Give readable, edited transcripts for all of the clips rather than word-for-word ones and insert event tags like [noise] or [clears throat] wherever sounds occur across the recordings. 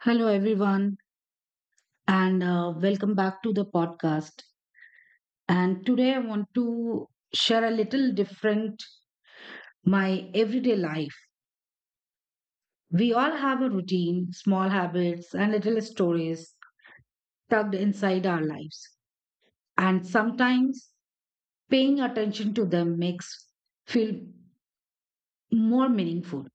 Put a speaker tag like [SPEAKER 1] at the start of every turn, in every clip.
[SPEAKER 1] Hello, everyone, and welcome back to the podcast. And today I want to share a little different my everyday life. We all have a routine, small habits, and little stories tucked inside our lives. And sometimes paying attention to them makes feel more meaningful.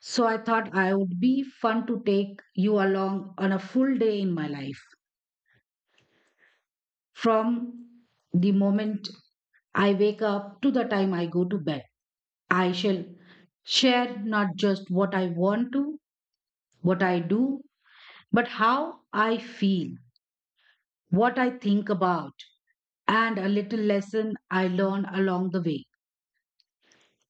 [SPEAKER 1] So I thought I would be fun to take you along on a full day in my life. From the moment I wake up to the time I go to bed, I shall share not just what I want to, what I do, but how I feel, what I think about, and a little lesson I learn along the way.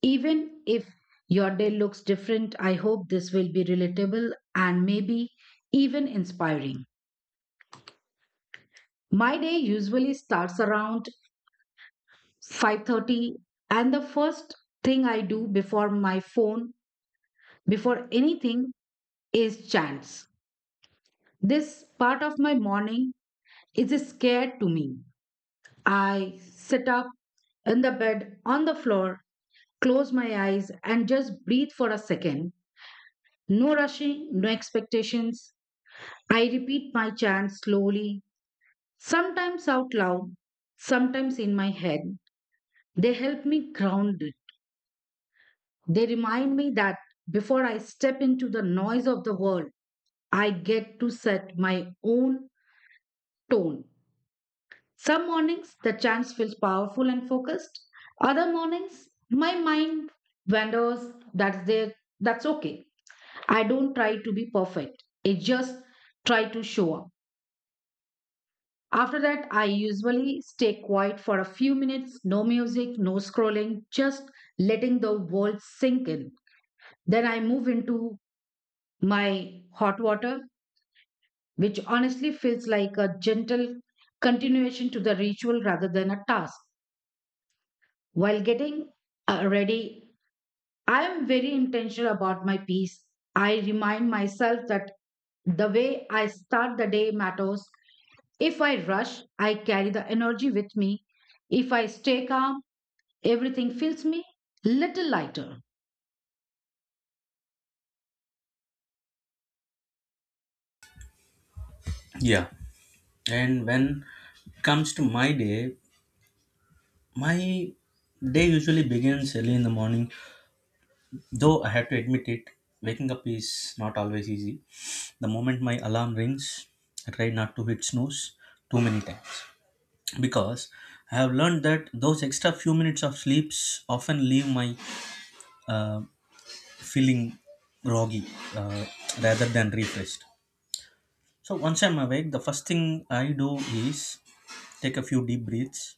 [SPEAKER 1] Even if your day looks different, I hope this will be relatable and maybe even inspiring. My day usually starts around 5:30, and the first thing I do before my phone, before anything, is chants. This part of my morning is scared to me. I sit up in the bed on the floor, close my eyes, and just breathe for a second. No rushing, no expectations. I repeat my chants slowly, sometimes out loud, sometimes in my head. They help me ground. They remind me that before I step into the noise of the world, I get to set my own tone. Some mornings, the chant feels powerful and focused. Other mornings, my mind wanders. That's there. That's okay. I don't try to be perfect. I just try to show up. After that, I usually stay quiet for a few minutes. No music, no scrolling, just letting the world sink in. Then I move into my hot water, which honestly feels like a gentle continuation to the ritual rather than a task. While getting ready, I am very intentional about my peace. I remind myself that the way I start the day matters. If I rush, I carry the energy with me. If I stay calm, everything feels me little lighter.
[SPEAKER 2] Yeah. And when it comes to my day usually begins early in the morning. Though I have to admit it, waking up is not always easy. The moment my alarm rings, I try not to hit snooze too many times because I have learned that those extra few minutes of sleeps often leave my uh, feeling groggy uh, rather than refreshed. So once I'm awake, the first thing I do is take a few deep breaths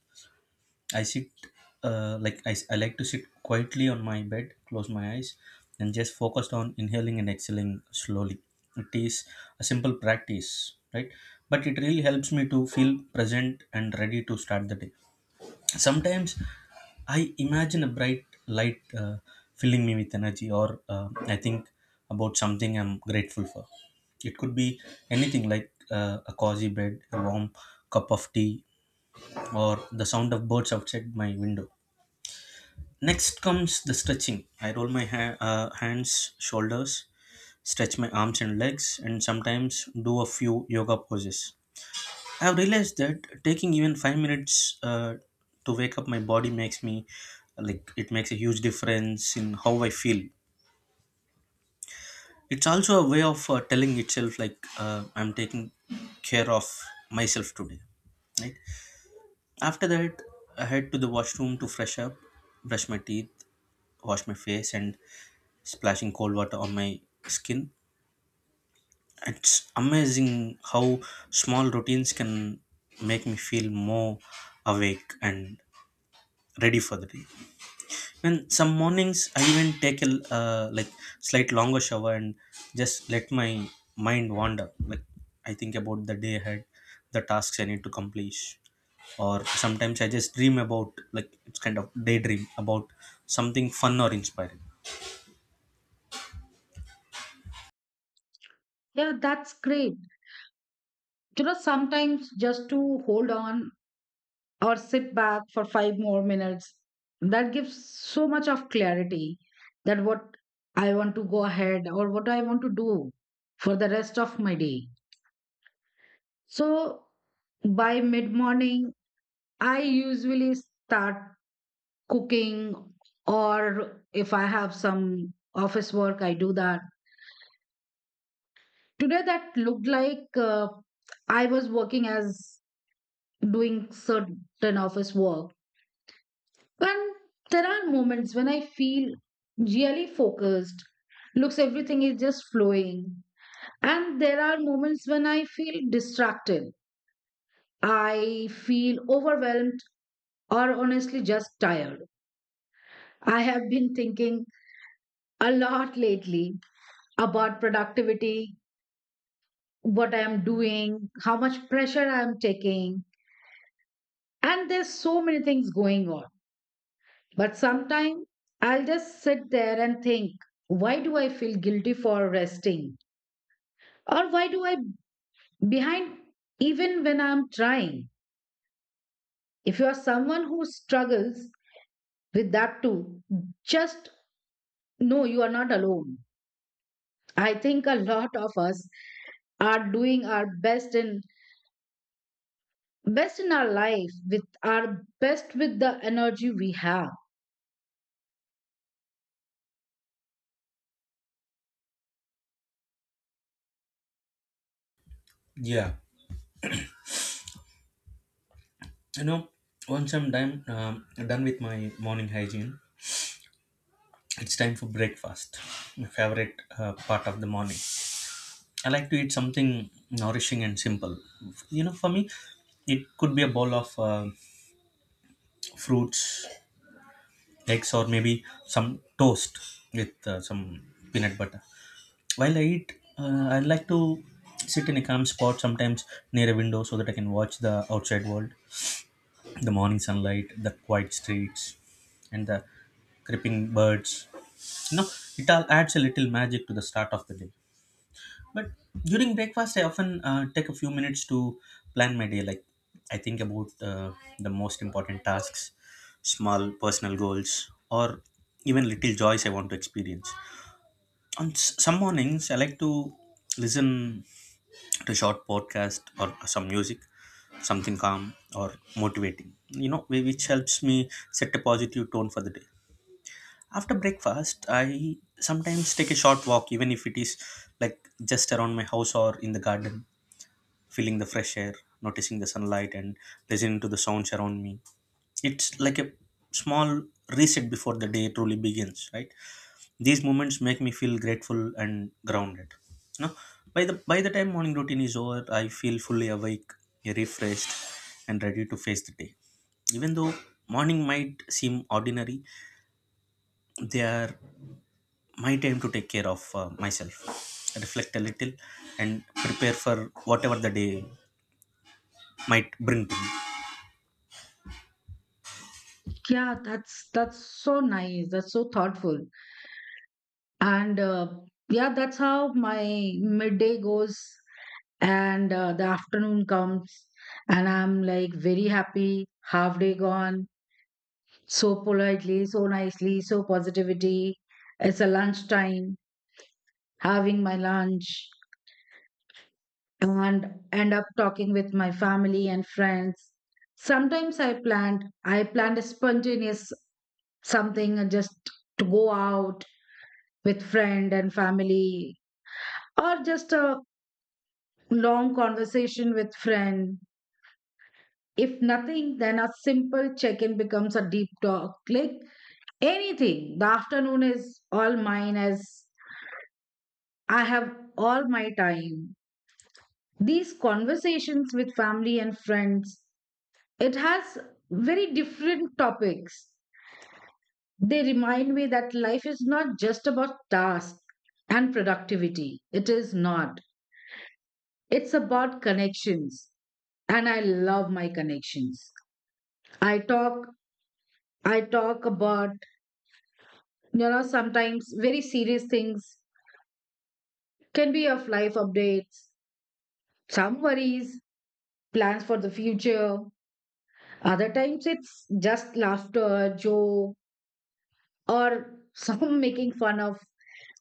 [SPEAKER 2] I sit, uh, like I I like to sit quietly on my bed, close my eyes, and just focused on inhaling and exhaling slowly. It is a simple practice, right? But it really helps me to feel present and ready to start the day. Sometimes I imagine a bright light filling me with energy, or I think about something I'm grateful for. It could be anything like a cozy bed, a warm cup of tea, or the sound of birds outside my window. Next comes the stretching. I roll my hands, shoulders, stretch my arms and legs, and sometimes do a few yoga poses. I've realized that taking even 5 minutes to wake up my body makes me like it makes a huge difference in how I feel. It's also a way of telling itself like I'm taking care of myself today, right? After that, I head to the washroom to fresh up, brush my teeth, wash my face, and splashing cold water on my skin. It's amazing how small routines can make me feel more awake and ready for the day. And some mornings I even take a slight longer shower and just let my mind wander. Like I think about the day ahead, the tasks I need to complete, or sometimes I just dream about like it's kind of daydream about something fun or inspiring.
[SPEAKER 1] Yeah, that's great. You know, sometimes just to hold on or sit back for five more minutes. That gives so much of clarity that what I want to go ahead or what I want to do for the rest of my day. So by mid morning, I usually start cooking, or if I have some office work, I do that. Today, that looked like I was working as doing certain office work. And there are moments when I feel really focused, looks everything is just flowing. And there are moments when I feel distracted. I feel overwhelmed or honestly just tired. I have been thinking a lot lately about productivity, what I am doing, how much pressure I am taking. And there's so many things going on. But sometimes I'll just sit there and think, why do I feel guilty for resting? Or why do I behind even when I'm trying? If you are someone who struggles with that too, just know you are not alone. I think a lot of us are doing our best in our life with our best with the energy we have.
[SPEAKER 2] Yeah. You know, once I'm done with my morning hygiene, it's time for breakfast. My favorite part of the morning. I like to eat something nourishing and simple. You know, for me, it could be a bowl of fruits, eggs, or maybe some toast with some peanut butter. While I eat, I like to sit in a calm spot sometimes near a window so that I can watch the outside world. The morning sunlight, the quiet streets, and the creeping birds. You know, it all adds a little magic to the start of the day. But during breakfast, I often take a few minutes to plan my day. Like, I think about the most important tasks, small personal goals, or even little joys I want to experience. On some mornings, I like to listen to short podcast or some music, something calm or motivating, which helps me set a positive tone for the day. After breakfast I sometimes take a short walk, even if it is like just around my house or in the garden, feeling the fresh air, noticing the sunlight, and listening to the sounds around me. It's like a small reset before the day truly begins, right? These moments make me feel grateful and grounded. You know, by the time morning routine is over, I feel fully awake, refreshed, and ready to face the day. Even though morning might seem ordinary, they are my time to take care of myself, reflect a little, and prepare for whatever the day might bring to
[SPEAKER 1] Yeah, that's so nice. That's so thoughtful. And yeah, that's how my midday goes, and the afternoon comes, and I'm like very happy, half day gone, so politely, so nicely, so positivity. It's a lunchtime, having my lunch and end up talking with my family and friends. Sometimes I planned a spontaneous something and just to go out with friend and family, or just a long conversation with friend. If nothing, then a simple check in becomes a deep talk. Click anything, the afternoon is all mine as I have all my time. These conversations with family and friends, it has very different topics. They remind me that life is not just about tasks and productivity. It is not. It's about connections. And I love my connections. I talk I talk about, you know, sometimes very serious things, can be of life updates, some worries, plans for the future. Other times it's just laughter, joke, or some [laughs] making fun of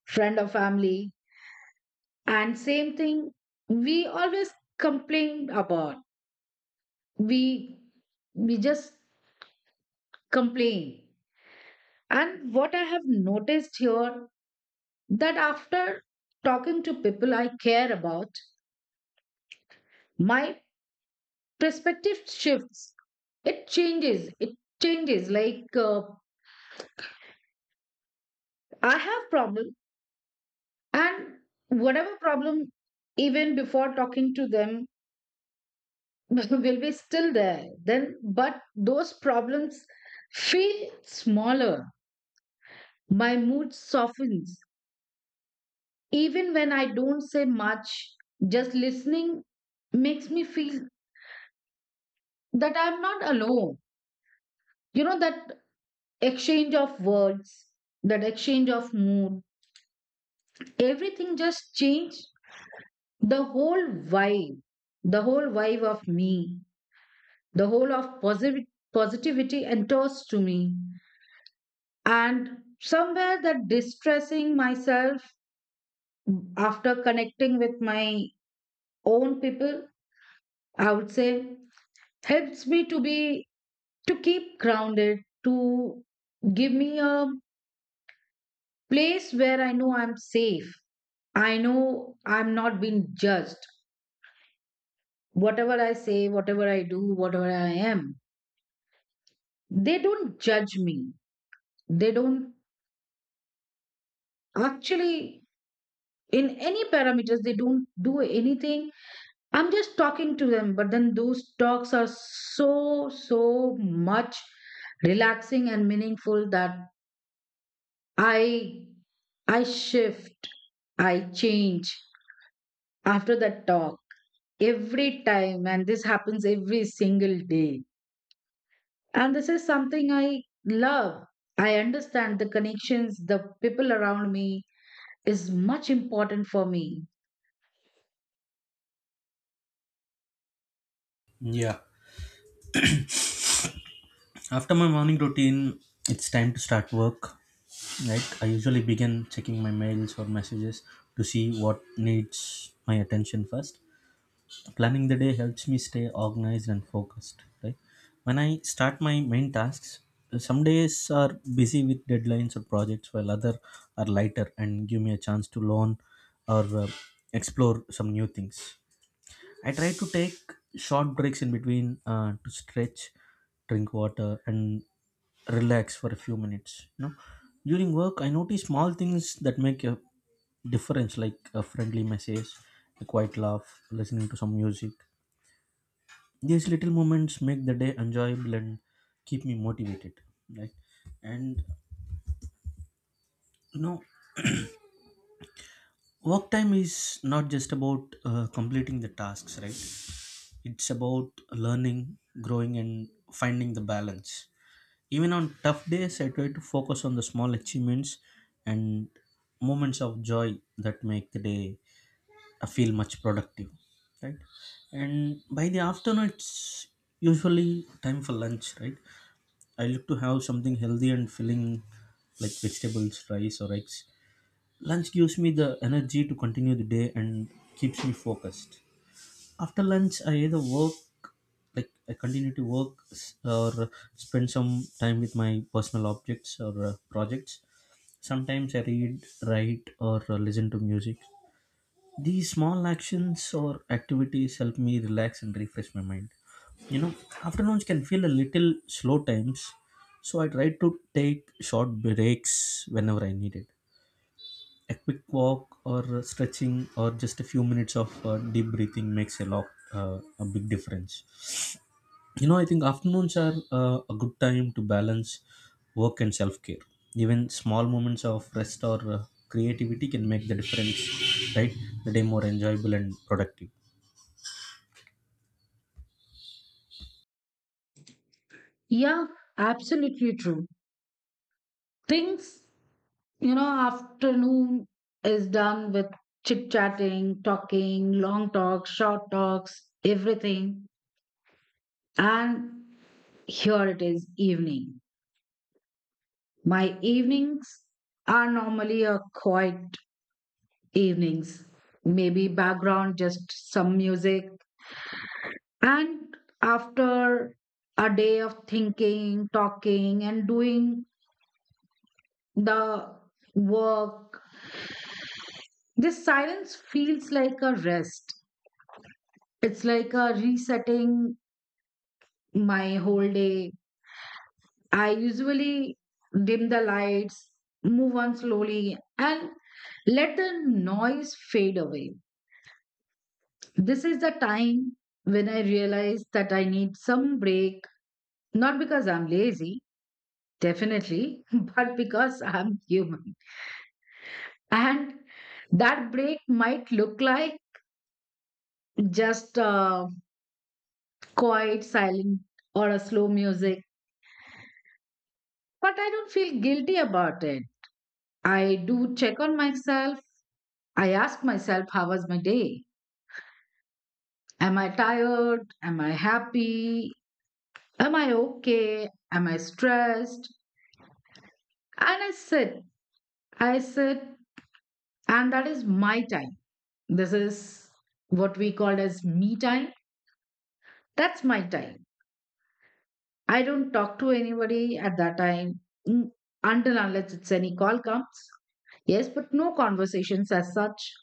[SPEAKER 1] friend or family. And same thing we always complain about. We we just complain. And what I have noticed here that after talking to people I care about, my perspective shifts, it changes like I have problem, and whatever problem even before talking to them [laughs] will be still there then, but those problems feel smaller, my mood softens. Even when I don't say much, just listening makes me feel that I'm not alone. You know, that exchange of words, that exchange of mood, everything just changed. The whole vibe, the whole vibe of me, the whole of posi- positivity and toast to me. And somewhere that distressing myself after connecting with my own people, I would say, helps me to be, to keep grounded, to give me a place where I know I'm safe, I know I'm not being judged. Whatever I say, whatever I do, whatever I am, they don't judge me. They don't actually, in any parameters, they don't do anything. I'm just talking to them, but then those talks are so so much relaxing and meaningful that i I shift, I change after that talk every time. And this happens every single day. And this is something I love. I understand the connections, the people around me is much important for me.
[SPEAKER 2] me. Yeah. After my morning routine, it's time to start work. Right, I usually begin checking my mails or messages to see what needs my attention first. Planning the day helps me stay organized and focused. Right, when I start my main tasks, some days are busy with deadlines or projects, while other are lighter and give me a chance to learn or explore some new things. I try to take short breaks in between to stretch, drink water, and relax for a few minutes. You know, during work, I notice small things that make a difference, like a friendly message, a quiet laugh, listening to some music. These little moments make the day enjoyable and keep me motivated. Right, and you know, work time is not just about completing the tasks, right? It's about learning, growing, and finding the balance. Even on tough days, I try to focus on the small achievements and moments of joy that make the day, I feel much productive, right? And by the afternoon, it's usually time for lunch, right? I look to have something healthy and filling like vegetables, rice, or eggs. Lunch gives me the energy to continue the day and keeps me focused. After lunch I either work like I continue to work s- or spend some time with my personal objects or projects. Sometimes I read, write, or listen to music. These small actions or activities help me relax and refresh my mind. You know, afternoons can feel a little slow times, so I try to take short breaks whenever I need it. A quick walk or stretching or just a few minutes of deep breathing makes uh, a big difference. You know, I think afternoons are a good time to balance work and self-care. Even small moments of rest or creativity can make the difference, right, the day more enjoyable and productive.
[SPEAKER 1] Yeah, absolutely true. Things, you know, afternoon is done with chit chatting, talking, long talks, short talks, everything. And here it is, evening. My evenings are normally a quiet evenings, maybe background, just some music. And after a day of thinking, talking, and doing the work. This silence feels like a rest. It's like a resetting my whole day. I usually dim the lights, move on slowly, and let the noise fade away. This is the time when I realize that I need some break, not because I'm lazy, definitely, [laughs] but because I'm human. And that break might look like just quiet, silent, or a slow music. But I don't feel guilty about it. I do check on myself. I ask myself, how was my day? Am I tired? Am I happy? Am I okay? Am I stressed? And I sit. I sit, and that is my time. This is what we call as me time. That's my time. I don't talk to anybody at that time, mm, until unless it's any call comes. Yes, but no conversations as such.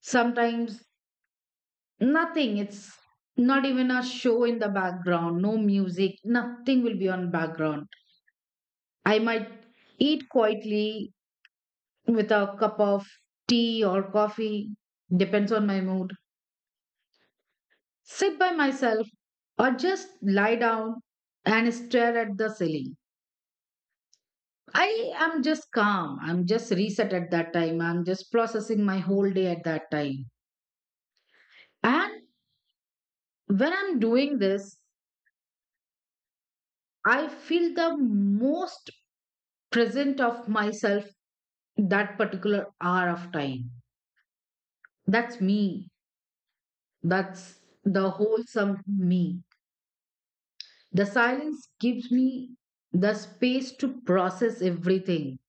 [SPEAKER 1] Sometimes nothing. It's not even a show in the background, no music, nothing will be on background. I might eat quietly with a cup of tea or coffee, depends on my mood, sit by myself, or just lie down and stare at the ceiling. I am just calm. I'm just reset at that time. I'm just processing my whole day at that time. And when I'm doing this, I feel the most present of myself that particular hour of time. That's me. That's the wholesome me. The silence gives me the space to process everything.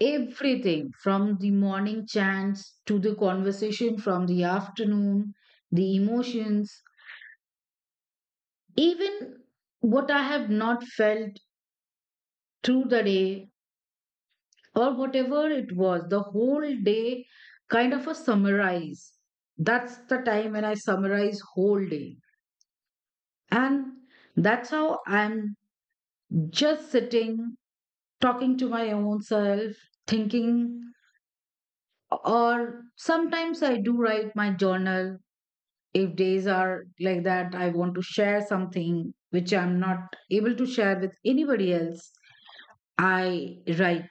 [SPEAKER 1] Everything from the morning chants to the conversation from the afternoon, the emotions, even what I have not felt through the day, or whatever it was, the whole day kind of a summarize. That's the time when I summarize whole day. And that's how I'm just sitting, talking to my own self, thinking, or sometimes I do write my journal. If days are like that I want to share something which I'm not able to share with anybody else, I write,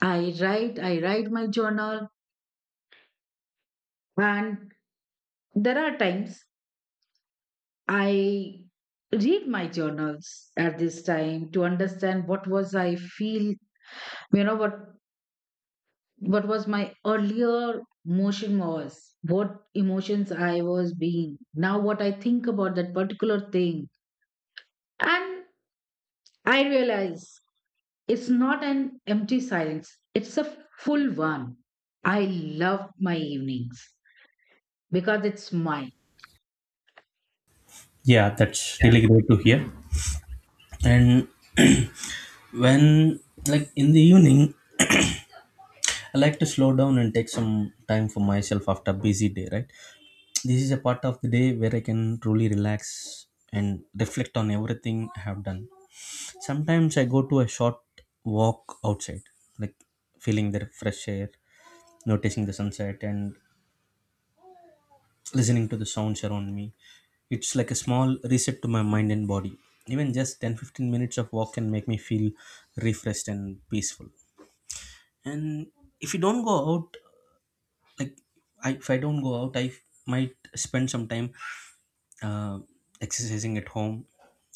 [SPEAKER 1] I write my journal. And there are times I read my journals at this time to understand what was I feel, you know, what was my earlier motion was, what emotions I was being, now what I think about that particular thing. And I realize it's not an empty silence, it's a full one. I love my evenings because it's mine.
[SPEAKER 2] Yeah, that's really great to hear. And [clears throat] when, like in the evening, I like to slow down and take some time for myself after a busy day, right? This is a part of the day where I can truly relax and reflect on everything I have done. Sometimes I go to a short walk outside, like feeling the fresh air, noticing the sunset, and listening to the sounds around me. It's like a small reset to my mind and body. Even just 10 15 minutes of walk can make me feel refreshed and peaceful. And if you don't go out, like if I don't go out, I might spend some time uh, exercising at home,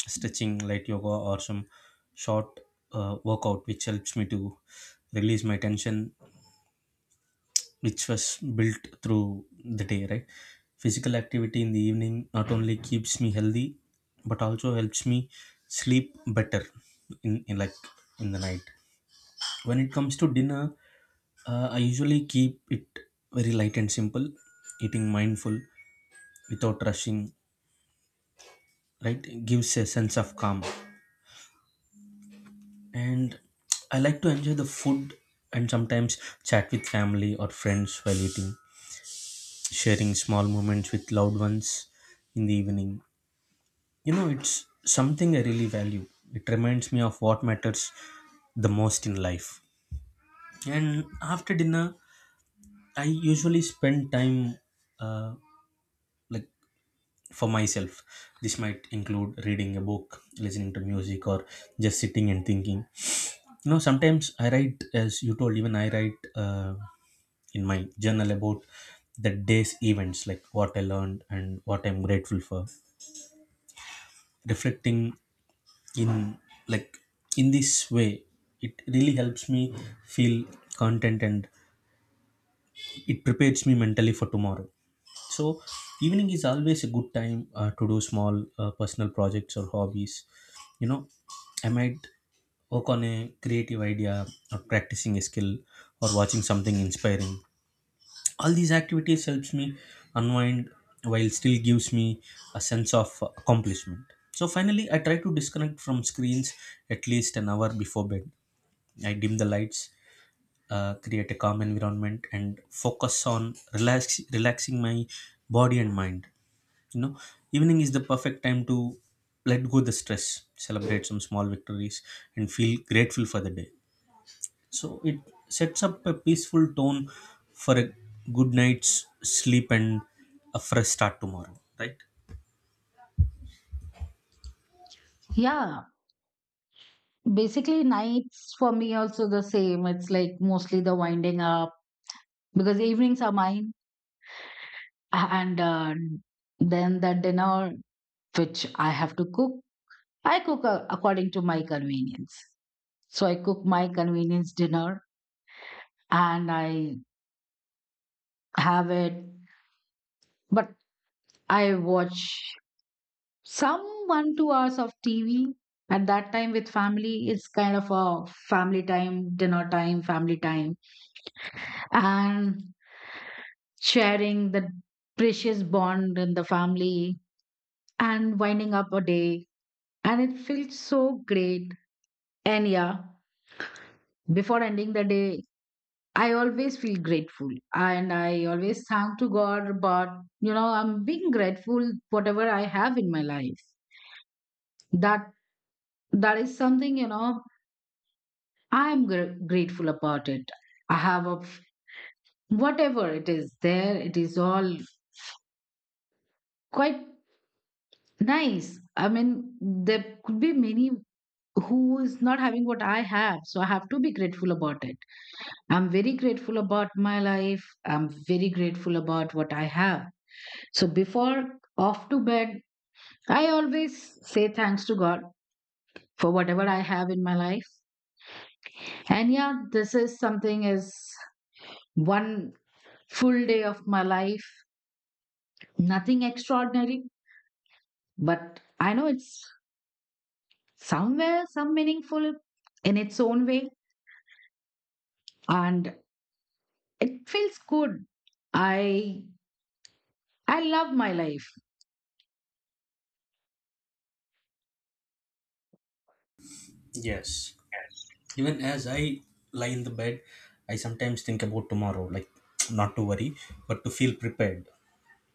[SPEAKER 2] stretching light yoga or some short workout, which helps me to release my tension, which was built through the day, right? Physical activity in the evening not only keeps me healthy, but also helps me sleep better in, in like in the night. When it comes to dinner, I usually keep it very light and simple, eating mindful without rushing, right? It gives a sense of calm. And I like to enjoy the food and sometimes chat with family or friends while eating, sharing small moments with loved ones in the evening. You know, it's something I really value. It reminds me of what matters the most in life. And after dinner, I usually spend time uh, like for myself. This might include reading a book, listening to music, or just sitting and thinking. You know, sometimes I write, as you told, even I write. In my journal about the day's events, like what I learned and what I'm grateful for. Reflecting in like in this way, it really helps me feel content and it prepares me mentally for tomorrow. So evening is always a good time to do small personal projects or hobbies. You know, I might work on a creative idea, or practicing a skill, or watching something inspiring. All these activities helps me unwind while still gives me a sense of accomplishment. So finally I try to disconnect from screens at least an hour before bed. I dim the lights, create a calm environment, and focus on relaxing my body and mind. You know, evening is the perfect time to let go the stress, celebrate some small victories, and feel grateful for the day. So it sets up a peaceful tone for a good night's sleep and a fresh start tomorrow, right?
[SPEAKER 1] Yeah, basically, nights for me also the same. It's like mostly the winding up because evenings are mine, and then the dinner which I have to cook, I cook according to my convenience. So I cook my convenience dinner and I have it, but I watch some one, 2 hours of TV at that time with family. Is kind of a family time, dinner time, family time, and sharing the precious bond in the family and winding up a day. And it feels so great. And yeah, before ending the day, I always feel grateful, and I always thank to God about, you know, I'm being grateful whatever I have in my life. That that is something, you know, grateful about it. I have a whatever it is there, it is all quite nice. I mean, there could be many who is not having what I have, so I have to be grateful about it. I'm very grateful about my life. I'm very grateful about what I have. So before off to bed, I always say thanks to God for whatever I have in my life. And yeah, this is something is one full day of my life. Nothing extraordinary, but I know it's somewhere some meaningful in its own way, and it feels good. I I love my life.
[SPEAKER 2] Yes. Even as I lie in the bed, I sometimes think about tomorrow, like [tsk] not to worry, but to feel prepared.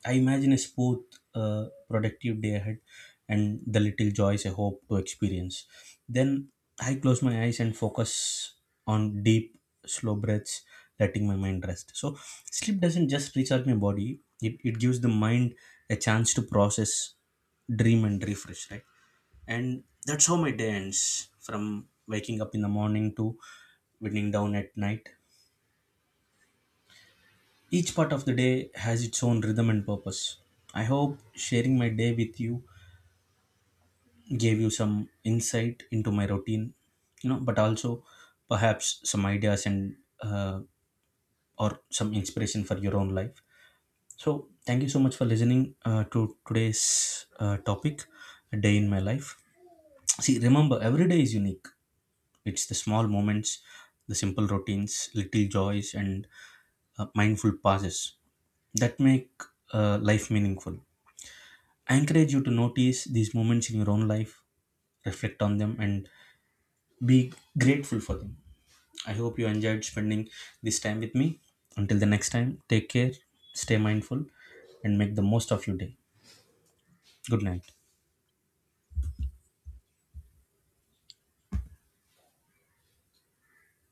[SPEAKER 2] I imagine a smooth, productive day ahead and the little joys I hope to experience. Then I close my eyes and focus on deep, slow breaths, letting my mind rest. So, sleep doesn't just recharge my body, it gives the mind a chance to process, dream, and refresh, right? And that's how my day ends, from waking up in the morning to winding down at night. Each part of the day has its own rhythm and purpose. I hope sharing my day with you gave you some insight into my routine, you know, but also perhaps some ideas and or some inspiration for your own life. So, thank you so much for listening to today's topic, a day in my life. See, remember, every day is unique. It's the small moments, the simple routines, little joys, and mindful pauses that make life meaningful. I encourage you to notice these moments in your own life, reflect on them, and be grateful for them. I hope you enjoyed spending this time with me. Until the next time, take care, stay mindful, and make the most of your day. Good night.